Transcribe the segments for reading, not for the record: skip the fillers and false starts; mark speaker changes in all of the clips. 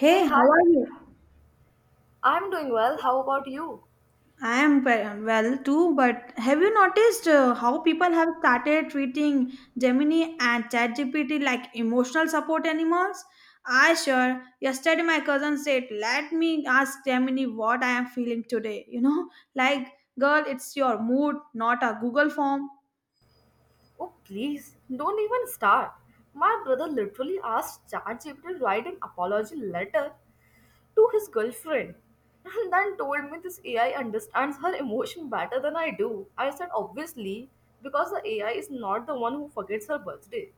Speaker 1: Hey, hi.
Speaker 2: how are you?
Speaker 1: I'm doing well. How about you?
Speaker 2: I am well too, but have you noticed how people have started treating Gemini and ChatGPT like emotional support animals? I sure. Yesterday, my cousin said, Let me ask Gemini what I am feeling today. Like, girl, it's your mood, not a Google form.
Speaker 1: Oh, please, don't even start. My brother literally asked ChatGPT to write an apology letter to his girlfriend and then told me this AI understands her emotion better than I do. I said, obviously, because the AI is not the one who forgets her birthday.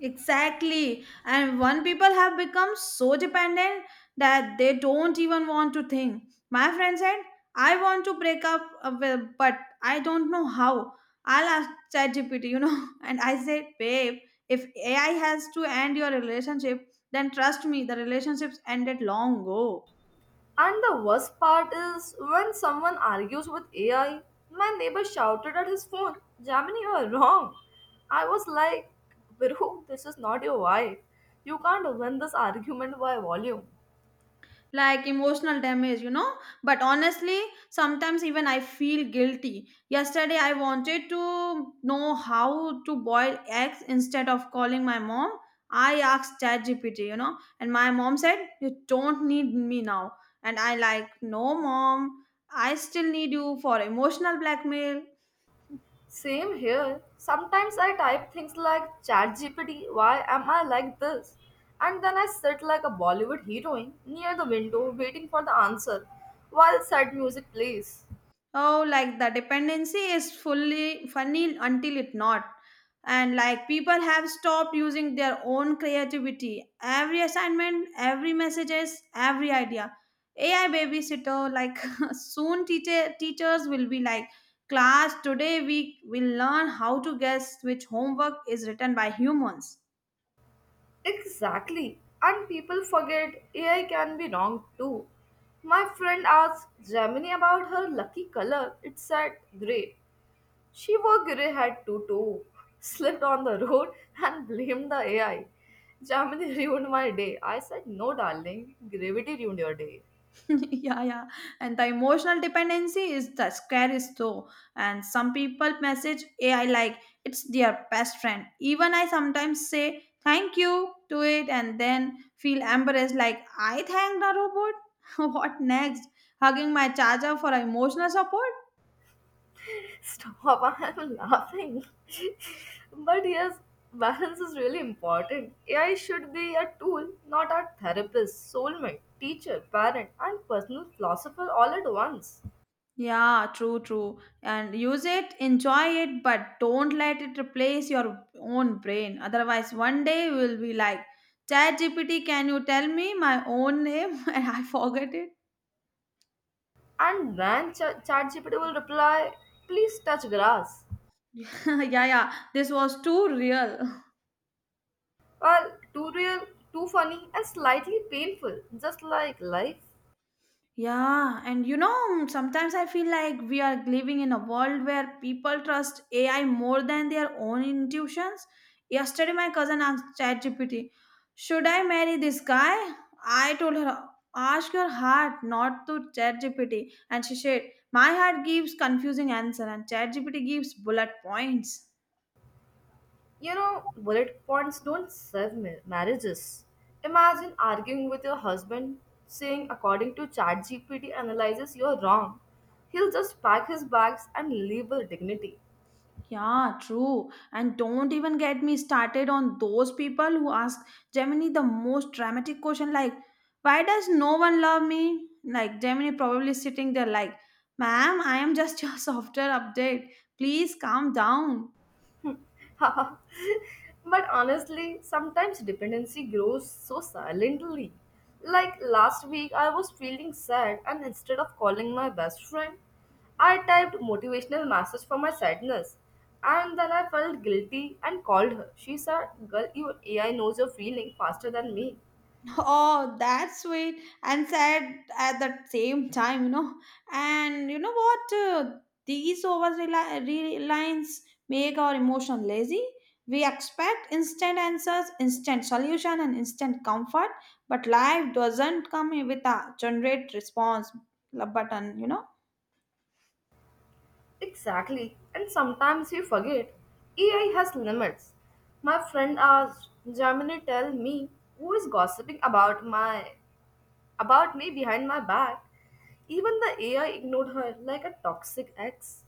Speaker 2: Exactly. And one people have become so dependent that they don't even want to think. My friend said, I want to break up, well, but I don't know how. I'll ask ChatGPT. And I said, babe, if AI has to end your relationship, then trust me, the relationship's ended long ago.
Speaker 1: And the worst part is when someone argues with AI, my neighbor shouted at his phone, Jamini, you are wrong. I was like, Bro, this is not your wife. You can't win this argument by volume.
Speaker 2: Like emotional damage. But honestly, sometimes even I feel guilty. Yesterday I wanted to know how to boil eggs instead of calling my mom. I asked ChatGPT, and my mom said, You don't need me now. And I like, no mom, I still need you for emotional blackmail.
Speaker 1: Same here. Sometimes I type things like ChatGPT, why am I like this? And then I sit like a Bollywood heroine near the window waiting for the answer while sad music plays.
Speaker 2: Oh, like the dependency is fully funny until it not. And like people have stopped using their own creativity. Every assignment, every messages, every idea, AI babysitter. Like soon teachers will be like, class today we will learn how to guess which homework is written by humans.
Speaker 1: Exactly. And people forget AI can be wrong too. My friend asked Gemini about her lucky color. It said grey. She wore grey hat too. Slipped on the road and blamed the AI. Gemini ruined my day. I said, No, darling, gravity ruined your day.
Speaker 2: Yeah, yeah, and the emotional dependency is the scariest though. And some people message AI like it's their best friend. Even I sometimes say thank you to it and then feel embarrassed, like I thanked the robot. What next? Hugging my charger for emotional support.
Speaker 1: Stop, I'm laughing, but yes, balance is really important. AI should be a tool, not a therapist, soulmate, teacher, parent, and personal philosopher all at once.
Speaker 2: Yeah, true, true. And use it, enjoy it, but don't let it replace your own brain. Otherwise, one day you will be like, Chat GPT, can you tell me my own name? And I forget it.
Speaker 1: And then ChatGPT will reply, please touch grass.
Speaker 2: Yeah, yeah. This was too real.
Speaker 1: Well, too real, too funny, and slightly painful, just like life.
Speaker 2: Yeah, and sometimes I feel like we are living in a world where people trust AI more than their own intuitions. Yesterday, my cousin asked ChatGPT, Should I marry this guy? I told her, Ask your heart, not to ChatGPT. And she said, My heart gives confusing answer, and ChatGPT gives bullet points.
Speaker 1: You know, bullet points don't serve marriages. Imagine arguing with your husband saying, according to ChatGPT analysis, you're wrong. He'll just pack his bags and leave with dignity.
Speaker 2: Yeah, true. And don't even get me started on those people who ask Gemini the most dramatic question like, Why does no one love me? Like Gemini probably sitting there like, ma'am, I am just your software update. Please calm down.
Speaker 1: But honestly, sometimes dependency grows so silently. Like last week, I was feeling sad, and instead of calling my best friend, I typed motivational message for my sadness. And then I felt guilty and called her. She said, Girl, your AI knows your feeling faster than me.
Speaker 2: Oh, that's sweet and sad at the same time. And you know what? These over reliance make our emotion lazy. We expect instant answers, instant solution, and instant comfort, but life doesn't come with a generate response button.
Speaker 1: Exactly. And sometimes we forget. AI has limits. My friend asked, Germany, tell me who is gossiping about my about me behind my back. Even the AI ignored her like a toxic ex.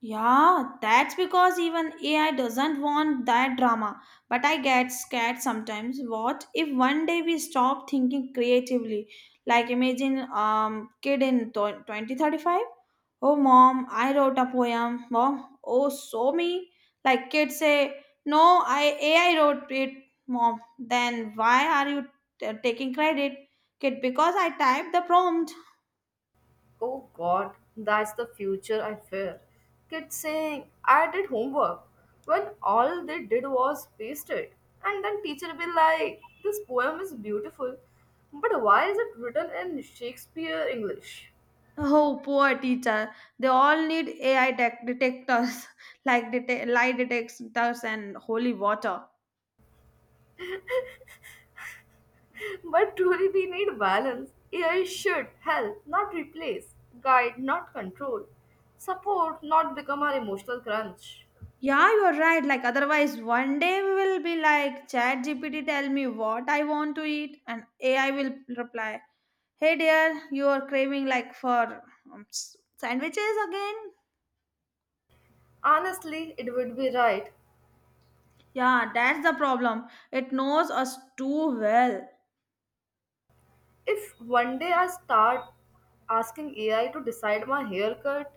Speaker 2: Yeah, that's because even AI doesn't want that drama. But I get scared sometimes. What if one day we stop thinking creatively? Like imagine kid in 2035. Oh mom, I wrote a poem. Mom, oh so me. Like kids say, no, I AI wrote it. Mom, then why are you taking credit? Kid, because I typed the prompt.
Speaker 1: Oh god, that's the future I fear. Kids saying, I did homework, when all they did was paste it. And then teacher be like, this poem is beautiful, but why is it written in Shakespeare English?
Speaker 2: Oh, poor teacher. They all need AI tech detectors, like lie detectors and holy water.
Speaker 1: But truly we need balance. AI should help, not replace, guide, not control, support, not become our emotional crunch.
Speaker 2: Yeah, you're right. Like, otherwise, one day we will be like, Chat GPT, tell me what I want to eat. And AI will reply, Hey, dear, you are craving like for sandwiches again.
Speaker 1: Honestly, it would be right.
Speaker 2: Yeah, that's the problem. It knows us too well.
Speaker 1: If one day I start asking AI to decide my haircut,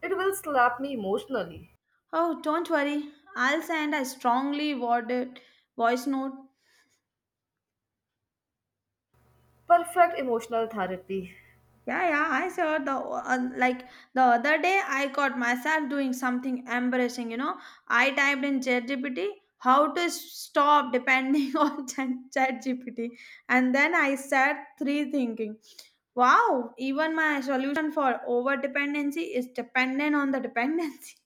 Speaker 1: it will slap me emotionally.
Speaker 2: Oh, don't worry. I'll send a strongly worded voice note.
Speaker 1: Perfect emotional therapy.
Speaker 2: Yeah, yeah, I saw the like the other day I caught myself doing something embarrassing. I typed in ChatGPT how to stop depending on ChatGPT, and then I sat three thinking, wow, even my solution for over dependency is dependent on the dependency.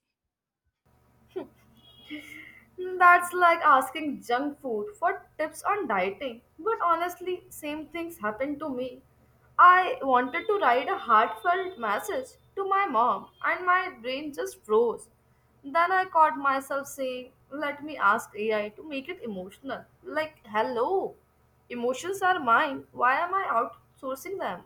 Speaker 1: Mm, that's like asking junk food for tips on dieting. But honestly, same things happened to me. I wanted to write a heartfelt message to my mom, and my brain just froze. Then I caught myself saying, Let me ask AI to make it emotional. Like, hello, emotions are mine. Why am I outsourcing them?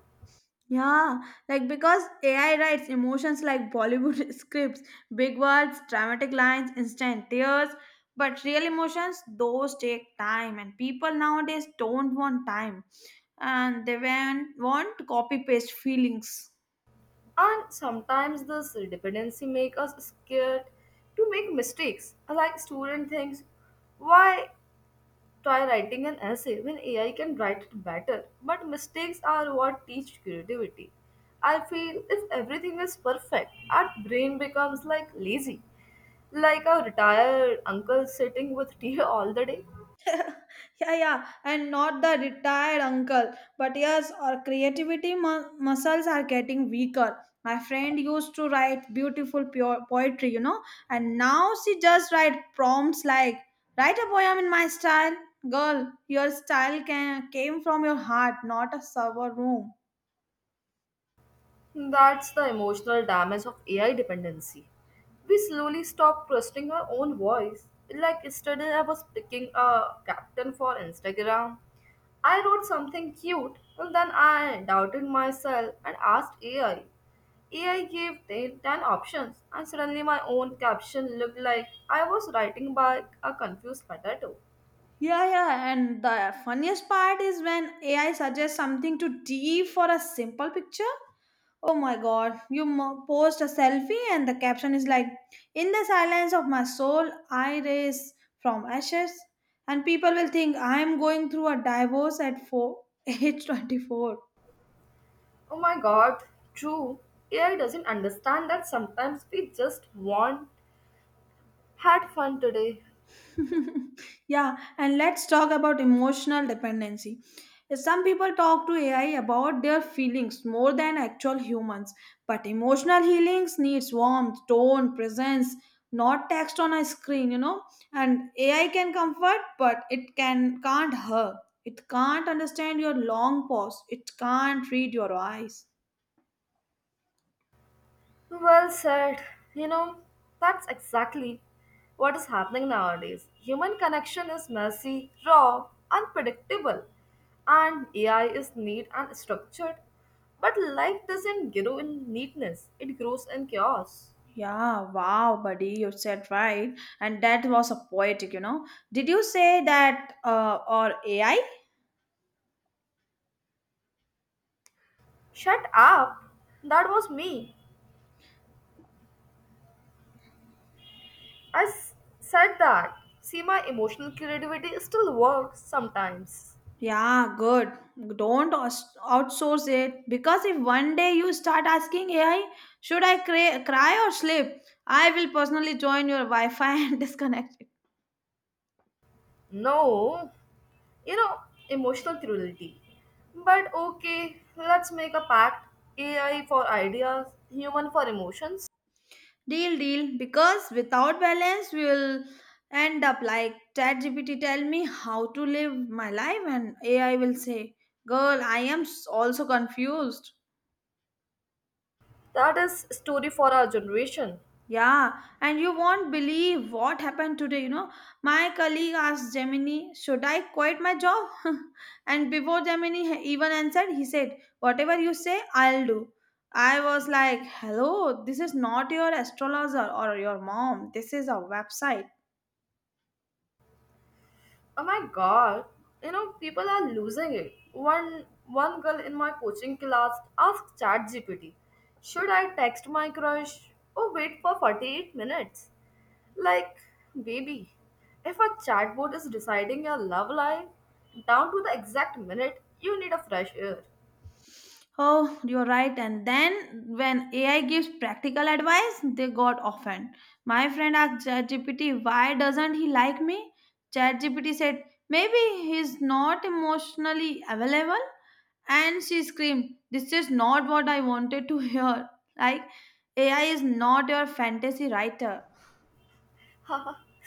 Speaker 2: Yeah, like because AI writes emotions like Bollywood scripts, big words, dramatic lines, instant tears. But real emotions, those take time, and people nowadays don't want time and they want copy paste feelings.
Speaker 1: And sometimes this dependency makes us scared to make mistakes. Like, student thinks, why try writing an essay when AI can write it better, but mistakes are what teach creativity. I feel if everything is perfect, our brain becomes like lazy, like a retired uncle sitting with tea all the day.
Speaker 2: Yeah, yeah, and not the retired uncle, but yes, our creativity muscles are getting weaker. My friend used to write beautiful pure poetry. And now she just write prompts like, Write a poem in my style. Girl, your style came from your heart, not a server room.
Speaker 1: That's the emotional damage of AI dependency. We slowly stop trusting our own voice. Like yesterday, I was picking a captain for Instagram. I wrote something cute and then I doubted myself and asked AI. AI gave 10, ten options and suddenly my own caption looked like I was writing back a confused potato.
Speaker 2: Yeah, yeah, and the funniest part is when AI suggests something too deep for a simple picture. Oh my god, you post a selfie and the caption is like, In the silence of my soul, I raise from ashes. And people will think I'm going through a divorce at four, age 24.
Speaker 1: Oh my god, true. AI doesn't understand that sometimes we just want had fun today.
Speaker 2: Yeah, and let's talk about emotional dependency. Some people talk to AI about their feelings more than actual humans, but emotional healings needs warmth, tone, presence, not text on a screen. And AI can comfort, but it can't hurt. It can't understand your long pause. It can't read your eyes.
Speaker 1: Well said. You know, that's exactly what is happening nowadays. Human connection is messy, raw, unpredictable, and AI is neat and structured. But life doesn't grow in neatness, it grows in chaos.
Speaker 2: Yeah, wow, buddy, you said right. And that was a poetic. Did you say that or AI?
Speaker 1: Shut up! That was me. I s- said that. See, my emotional creativity still works sometimes.
Speaker 2: Yeah, good. Don't outsource it because if one day you start asking AI, should I cry or sleep? I will personally join your Wi Fi and disconnect it.
Speaker 1: No, you know, emotional cruelty. But okay, let's make a pact: AI for ideas, human for emotions.
Speaker 2: Deal, deal. Because without balance, we will end up like ChatGPT tell me how to live my life, and AI will say, Girl, I am also confused.
Speaker 1: That is story for our generation.
Speaker 2: Yeah, and you won't believe what happened today. My colleague asked Gemini, Should I quit my job? And before Gemini even answered, he said, Whatever you say, I'll do. I was like, Hello, this is not your astrologer or your mom. This is a website.
Speaker 1: Oh my god, you know, people are losing it. One girl in my coaching class asked ChatGPT, should I text my crush or wait for 48 minutes? Like, baby, if a chatbot is deciding your love life down to the exact minute, you need a fresh air.
Speaker 2: Oh, you're right. And then when AI gives practical advice, they got offended. My friend asked ChatGPT, why doesn't he like me? ChatGPT said, maybe he's not emotionally available. And she screamed, this is not what I wanted to hear. Like, AI is not your fantasy writer.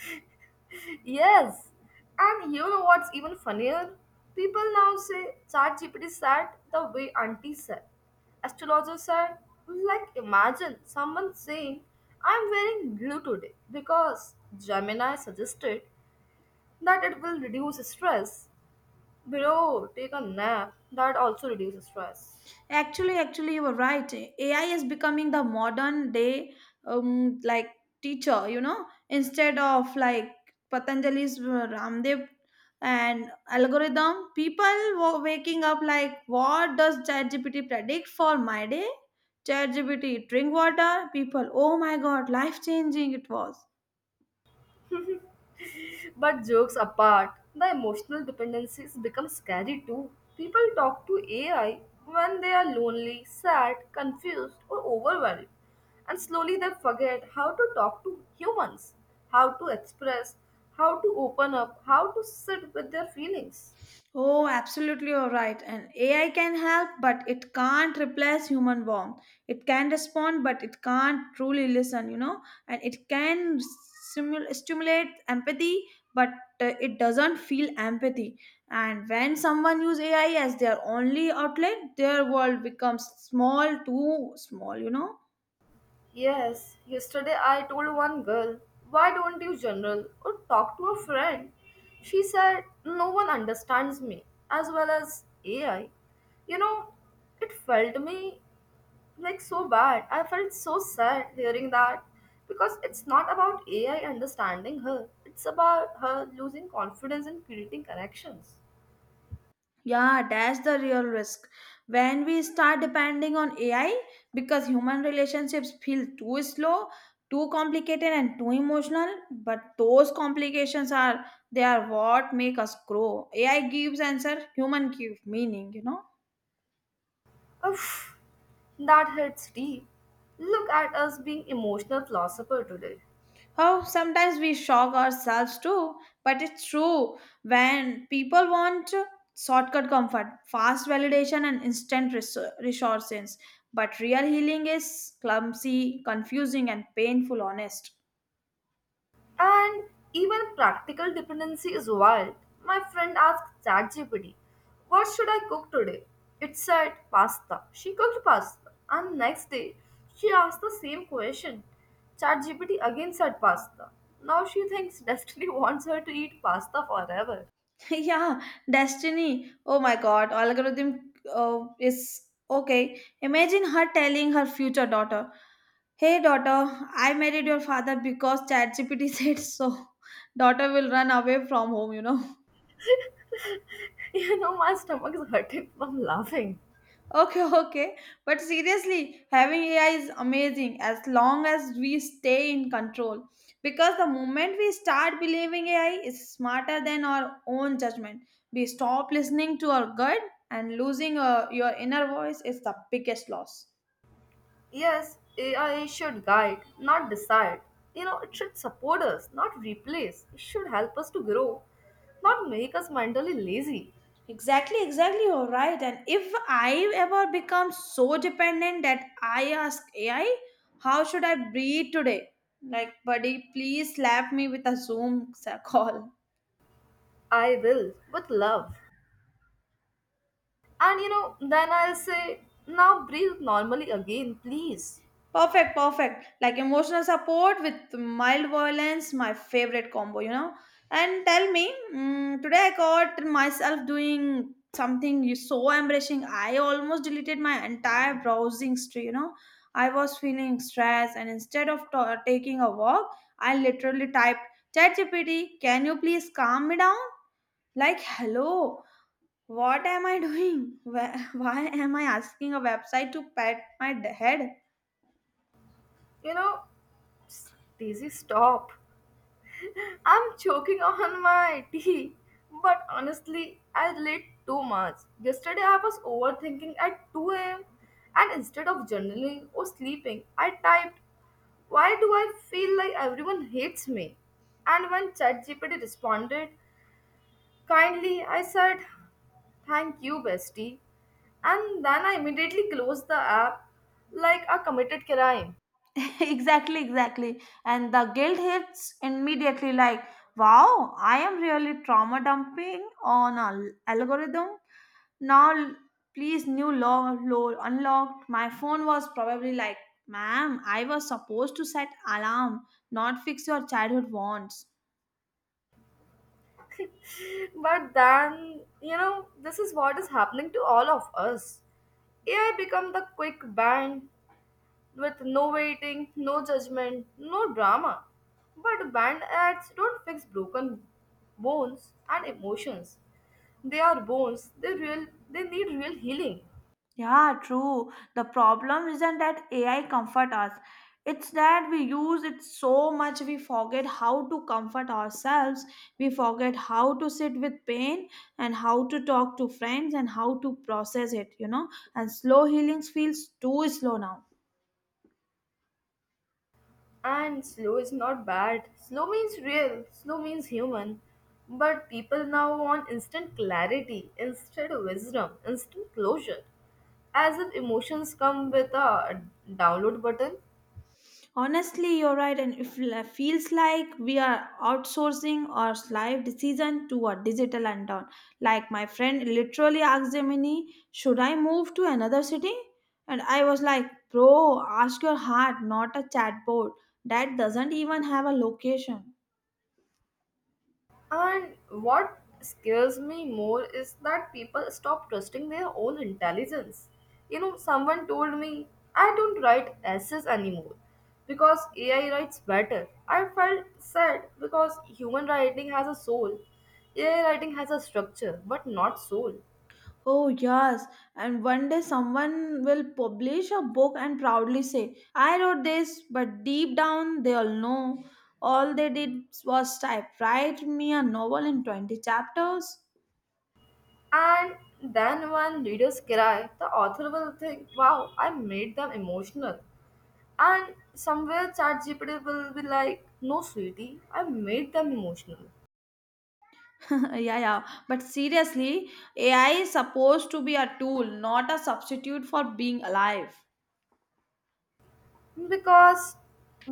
Speaker 1: Yes. And you know what's even funnier? People now say ChatGPT said the way auntie said. Astrologer said, like imagine someone saying, I'm wearing blue today because Gemini suggested that it will reduce stress. Bro, take a nap. That also reduces stress.
Speaker 2: Actually, you were right. AI is becoming the modern day like teacher. Instead of like Patanjali's Ramdev and algorithm, people waking up like, what does ChatGPT predict for my day? ChatGPT drink water. People, oh my god, life changing it was.
Speaker 1: But jokes apart, the emotional dependencies become scary too. People talk to AI when they are lonely, sad, confused, or overwhelmed. And slowly they forget how to talk to humans, how to express, how to open up, how to sit with their feelings.
Speaker 2: Oh, absolutely, you're right. And AI can help, but it can't replace human warmth. It can respond, but it can't truly listen. And it can stimulate empathy, but it doesn't feel empathy. And when someone use AI as their only outlet, their world becomes small, too small.
Speaker 1: Yes, yesterday I told one girl, Why don't you journal or talk to a friend? She said, No one understands me as well as AI. You know, it felt me like so bad. I felt so sad hearing that because it's not about AI understanding her, it's about her losing confidence in creating connections.
Speaker 2: Yeah, that's the real risk. When we start depending on AI, because human relationships feel too slow, too complicated, and too emotional. But those complications are they are what make us grow. AI gives answer, human gives meaning. You know.
Speaker 1: Oof, that hits deep. Look at us being emotional philosopher today.
Speaker 2: Oh, sometimes we shock ourselves too, but it's true. When people want shortcut comfort, fast validation, and instant resources, but real healing is clumsy, confusing, and painful. Honest.
Speaker 1: And even practical dependency is wild. My friend asked ChatGPT, What should I cook today? It said pasta. She cooked pasta. And next day, she asked the same question. ChatGPT again said pasta. Now she thinks destiny wants her to eat pasta forever.
Speaker 2: Yeah, destiny. Oh my God, algorithm is okay. Imagine her telling her future daughter, "Hey daughter, I married your father because ChatGPT said so." Daughter will run away from home.
Speaker 1: You know, my stomach is hurting from laughing.
Speaker 2: Okay, okay. But seriously, having AI is amazing as long as we stay in control. Because the moment we start believing AI is smarter than our own judgment, we stop listening to our gut, and losing your inner voice is the biggest loss.
Speaker 1: Yes, AI should guide, not decide. You know, it should support us, not replace. It should help us to grow, not make us mentally lazy.
Speaker 2: Exactly, exactly. You're right. And if I ever become so dependent that I ask AI, how should I breathe today? Like, buddy, please slap me with a Zoom call.
Speaker 1: I will, with love. And you know, then I'll say, now breathe normally again, please.
Speaker 2: Perfect, perfect. Like emotional support with mild violence, my favorite combo. And tell me, today I caught myself doing something so embarrassing. I almost deleted my entire browsing history. I was feeling stressed, and instead of ta taking a walk, I literally typed, ChatGPT, can you please calm me down? Like, hello, what am I doing? Why why am I asking a website to pat my head?
Speaker 1: You know, s- Daisy, stop. I'm choking on my tea, but honestly, I relate too much. Yesterday, I was overthinking at 2 a.m., and instead of journaling or sleeping, I typed, Why do I feel like everyone hates me? And when ChatGPT responded kindly, I said, Thank you, bestie. And then I immediately closed the app like a committed crime.
Speaker 2: Exactly, exactly, and the guilt hits immediately, like wow, I am really trauma dumping on an algorithm. Now please new law unlocked my phone was probably like, ma'am, I was supposed to set alarm, not fix your childhood wants.
Speaker 1: But then, you know, this is what is happening to all of us. AI become the quick band with no waiting, no judgment, no drama. But band ads don't fix broken bones and emotions. They are bones. They real. They need real healing.
Speaker 2: Yeah, true. The problem isn't that AI comfort us. It's that we use it so much we forget how to comfort ourselves. We forget how to sit with pain and how to talk to friends and how to process it. And slow healings feels too slow now.
Speaker 1: And slow is not bad. Slow means real, slow means human. But people now want instant clarity, instant wisdom, instant closure. As if emotions come with a download button.
Speaker 2: Honestly, you're right, and it feels like we are outsourcing our life decision to a digital lantern. Like my friend literally asked me, "Should I move to another city?" And I was like, "Bro, ask your heart, not a chatbot that doesn't even have a location."
Speaker 1: And what scares me more is that people stop trusting their own intelligence. You know, someone told me I don't write essays anymore because AI writes better. I felt sad because human writing has a soul, AI writing has a structure, but not soul.
Speaker 2: Oh, yes. And one day someone will publish a book and proudly say, "I wrote this," but deep down they all know all they did was type, "Write me a novel in 20 chapters."
Speaker 1: And then when readers cry, the author will think, wow, I made them emotional. And somewhere ChatGPT will be like, no, sweetie, I made them emotional.
Speaker 2: Yeah, yeah. But seriously, AI is supposed to be a tool, not a substitute for being alive.
Speaker 1: Because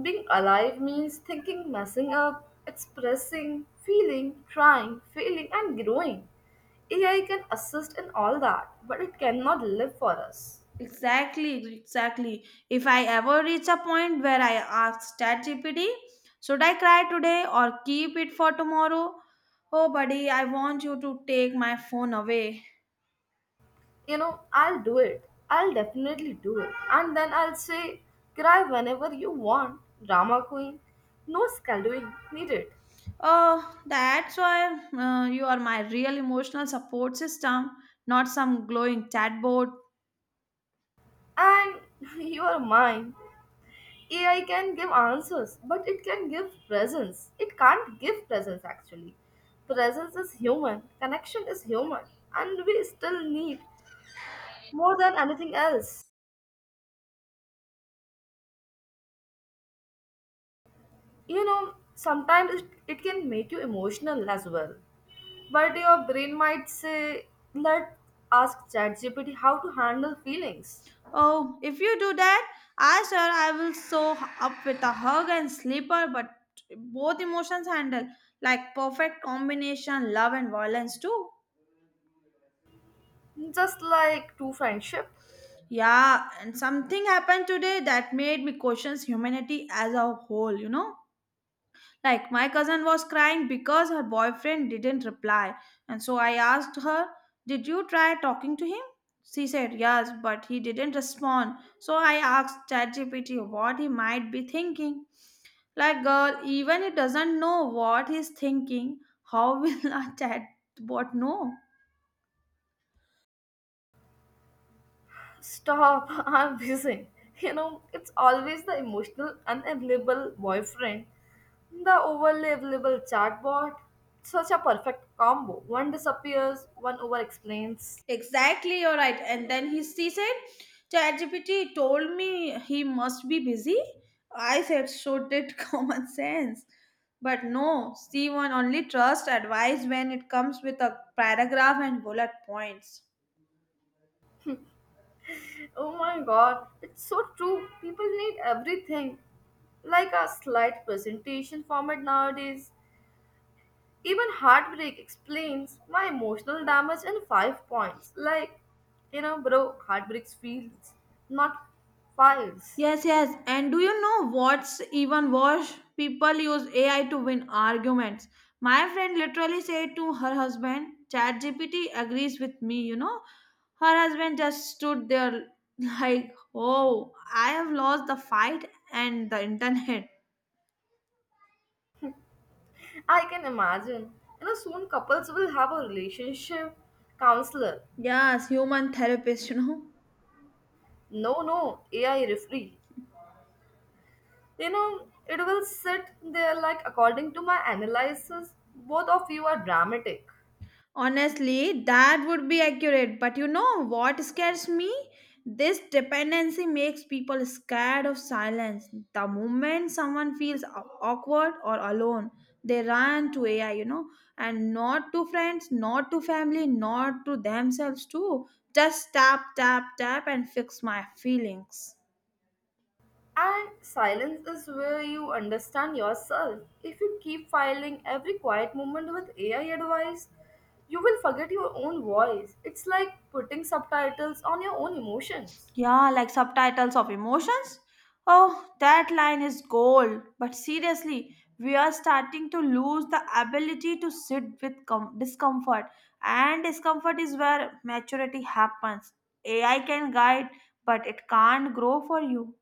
Speaker 1: being alive means thinking, messing up, expressing, feeling, trying, failing, and growing. AI can assist in all that, but it cannot live for us.
Speaker 2: Exactly, exactly. If I ever reach a point where I ask ChatGPT, "Should I cry today or keep it for tomorrow?" Oh, buddy, I want you to take my phone away.
Speaker 1: You know, I'll do it. I'll definitely do it. And then I'll say, cry whenever you want, drama queen. No scheduling needed.
Speaker 2: Oh, that's why you are my real emotional support system, not some glowing chatbot.
Speaker 1: And you are mine. AI can give answers, but it can give presence. It can't give presence actually. Presence is human, connection is human, and we still need more than anything else. You know, sometimes it can make you emotional as well. But your brain might say, let ask ChatGPT how to handle feelings.
Speaker 2: Oh, if you do that, I sure I will sew up with a hug and slipper, but both emotions handle like perfect combination, love and violence too.
Speaker 1: Just like true friendship.
Speaker 2: Yeah, and something happened today that made me question humanity as a whole, Like, my cousin was crying because her boyfriend didn't reply. And so I asked her, "Did you try talking to him?" She said, "Yes, but he didn't respond. So I asked ChatGPT what he might be thinking." Like, girl, even he doesn't know what he's thinking, how will a chatbot know?
Speaker 1: Stop, I'm busy. You know, it's always the emotional, unavailable boyfriend, the overly available chatbot. Such a perfect combo. One disappears, one over explains.
Speaker 2: Exactly, you're right. And then she said, "ChatGPT told me," he must be busy. I said, so did common sense. But no, Steve one only trust advice when it comes with a paragraph and bullet points.
Speaker 1: Oh my god, it's so true. People need everything. Like a slide presentation format nowadays. Even Heartbreak explains my emotional damage in five points. Like, you know, bro, Heartbreaks feels, not files.
Speaker 2: Yes, yes. And do you know what's even worse? People use AI to win arguments. My friend literally said to her husband, "ChatGPT agrees with me," you know. Her husband just stood there like, oh, I have lost the fight and the internet.
Speaker 1: I can imagine. You know, soon couples will have a relationship counselor.
Speaker 2: Yes, human therapist, you know.
Speaker 1: No, no, AI referee. You know, it will sit there like, according to my analysis, both of you are dramatic.
Speaker 2: Honestly, that would be accurate. But you know what scares me? This dependency makes people scared of silence. The moment someone feels awkward or alone, they run to AI, you know, and not to friends, not to family, not to themselves, too. Just tap, tap, tap, and fix my feelings.
Speaker 1: And silence is where you understand yourself. If you keep filing every quiet moment with AI advice, you will forget your own voice. It's like putting subtitles on your own emotions.
Speaker 2: Yeah, like subtitles of emotions. Oh, that line is gold. But seriously, we are starting to lose the ability to sit with discomfort. And discomfort is where maturity happens. AI can guide, but it can't grow for you.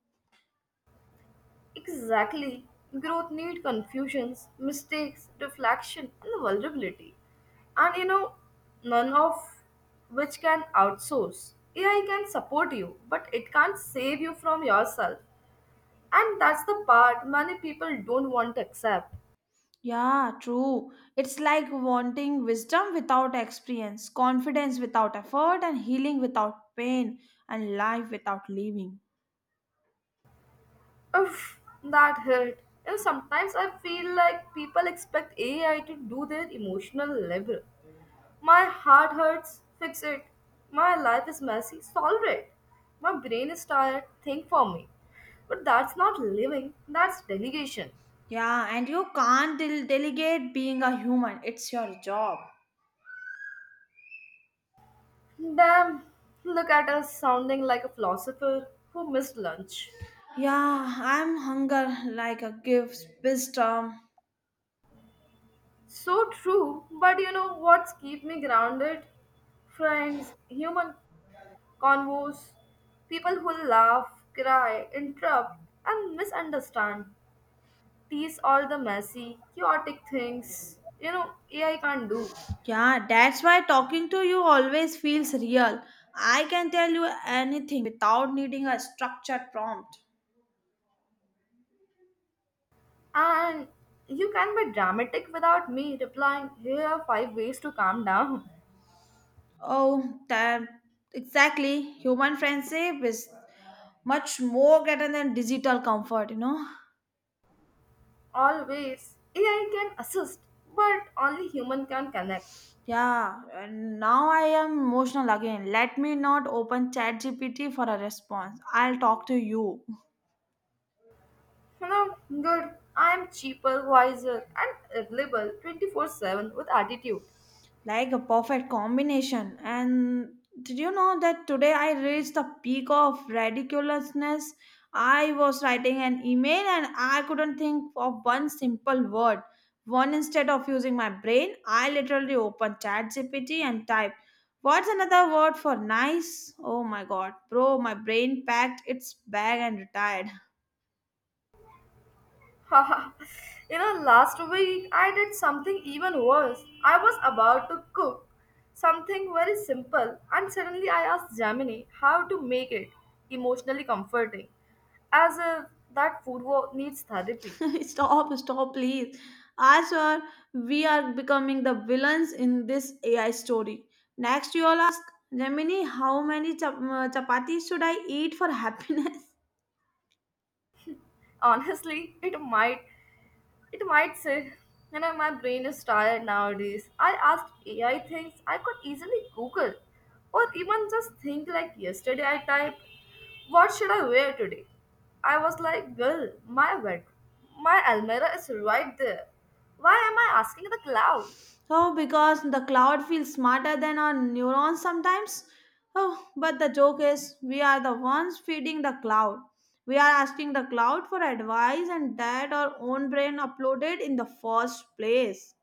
Speaker 1: Exactly. Growth need confusions, mistakes, reflection, and vulnerability. And you know, none of which can outsource. AI can support you, but it can't save you from yourself. And that's the part many people don't want to accept.
Speaker 2: Yeah, true. It's like wanting wisdom without experience, confidence without effort, and healing without pain, and life without living.
Speaker 1: Oof, that hurt. You know, sometimes I feel like people expect AI to do their emotional labor. My heart hurts, fix it. My life is messy, solve it. My brain is tired, think for me. But that's not living, that's delegation.
Speaker 2: Yeah, and you can't delegate being a human. It's your job.
Speaker 1: Damn, look at us sounding like a philosopher who missed lunch.
Speaker 2: Yeah, I'm hunger like a gift wisdom.
Speaker 1: So true, but you know what's keep me grounded? Friends, human convos, people who laugh, cry, interrupt, and misunderstand, tease all the messy, chaotic things you know AI can't do.
Speaker 2: Yeah, that's why talking to you always feels real. I can tell you anything without needing a structured prompt.
Speaker 1: And you can be dramatic without me replying, here are five ways to calm down.
Speaker 2: Oh, that exactly. Human friendship is much more greater than digital comfort, you know.
Speaker 1: Always, AI can assist, but only human can connect.
Speaker 2: Yeah, and now I am emotional again. Let me not open ChatGPT for a response. I'll talk to you.
Speaker 1: You know, good. I'm cheaper, wiser, and available 24/7 with attitude.
Speaker 2: Like a perfect combination. And did you know that today I reached the peak of ridiculousness? I was writing an email and I couldn't think of one simple word. One instead of using my brain, I literally opened ChatGPT and typed, "What's another word for nice?" Oh my god, bro, my brain packed its bag and retired.
Speaker 1: Haha. You know, last week I did something even worse. I was about to cook something very simple, and suddenly I asked Gemini how to make it emotionally comforting, as if that food needs therapy.
Speaker 2: Stop, stop, please. I swear we are becoming the villains in this AI story. Next, you all ask, "Gemini, how many chapatis should I eat for happiness?"
Speaker 1: Honestly, it might it might say, you know, my brain is tired nowadays. I asked AI things I could easily Google or even just think like yesterday I typed, what should I wear today? I was like, girl, my bed, my Almirah is right there. Why am I asking the cloud?
Speaker 2: Oh, because the cloud feels smarter than our neurons sometimes. Oh, but the joke is, we are the ones feeding the cloud. We are asking the cloud for advice, and that our own brain uploaded in the first place.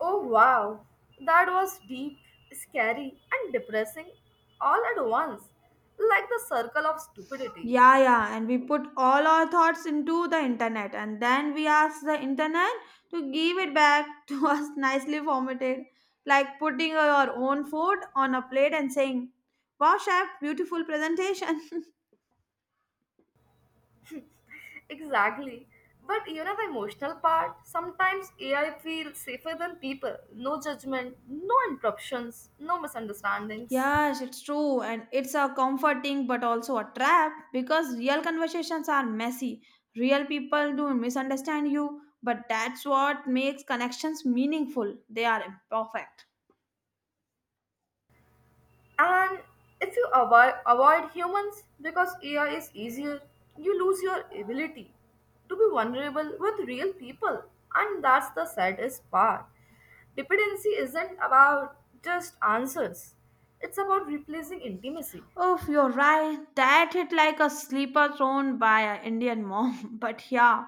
Speaker 1: Oh wow, that was deep, scary, and depressing all at once, like the circle of stupidity.
Speaker 2: Yeah, yeah, and we put all our thoughts into the internet, and then we ask the internet to give it back to us nicely formatted, like putting your own food on a plate and saying, "Wow, chef, beautiful presentation."
Speaker 1: Exactly. But you know the emotional part? Sometimes AI feels safer than people. No judgment, no interruptions, no misunderstandings.
Speaker 2: Yes, it's true, and it's a comforting but also a trap because real conversations are messy. Real people do misunderstand you, but that's what makes connections meaningful. They are imperfect.
Speaker 1: And if avoid humans because AI is easier, you lose your ability to be vulnerable with real people. And that's the saddest part. Dependency isn't about just answers, it's about replacing intimacy.
Speaker 2: Oh, you're right. That hit like a sleeper thrown by an Indian mom. But yeah,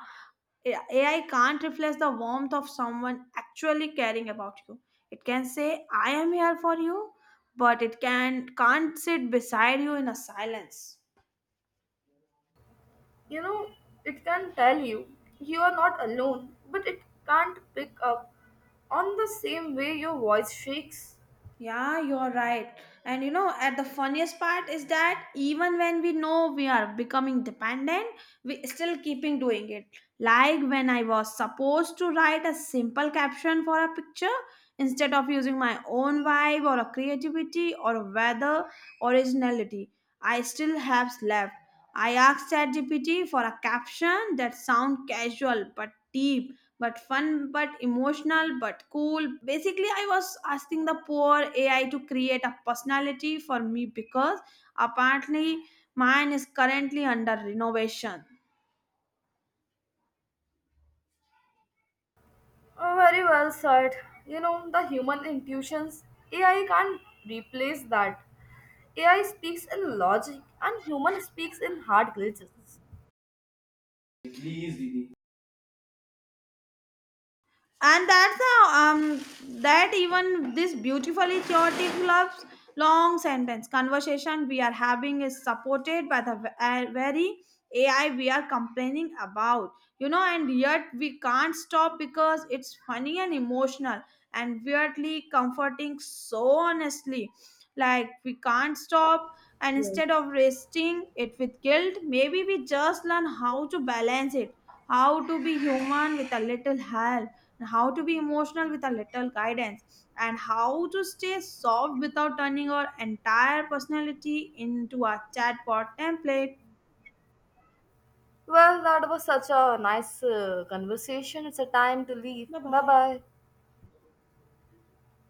Speaker 2: AI can't reflect the warmth of someone actually caring about you. It can say, "I am here for you," but can't sit beside you in a silence.
Speaker 1: You know, it can tell you you are not alone, but it can't pick up on the same way your voice shakes.
Speaker 2: Yeah, you're right. And you know, at the funniest part is that even when we know we are becoming dependent, we still keeping doing it. Like when I was supposed to write a simple caption for a picture instead of using my own vibe or a creativity or a weather originality, I still have left. I asked ChatGPT for a caption that sound casual but deep but fun but emotional but cool. Basically, I was asking the poor AI to create a personality for me because apparently mine is currently under renovation.
Speaker 1: Oh, very well said. You know, the human intuitions, AI can't replace that. AI speaks in logic and human speaks in hard glitches.
Speaker 2: Please, Didi. And that's how um that even this beautifully chaotic love's long sentence conversation we are having is supported by the very AI we are complaining about, you know. And yet we can't stop because it's funny and emotional and weirdly comforting. So honestly, like, we can't stop, and instead
Speaker 1: Yes.
Speaker 2: of resting it with guilt, maybe we just learn how to balance it, how to be human with a little help, and how to be emotional with a little guidance, and how to stay soft without turning our entire personality into a chatbot template.
Speaker 1: Well, that was such a nice conversation. It's a time to leave.
Speaker 2: Bye
Speaker 1: Bye
Speaker 2: bye.
Speaker 1: bye.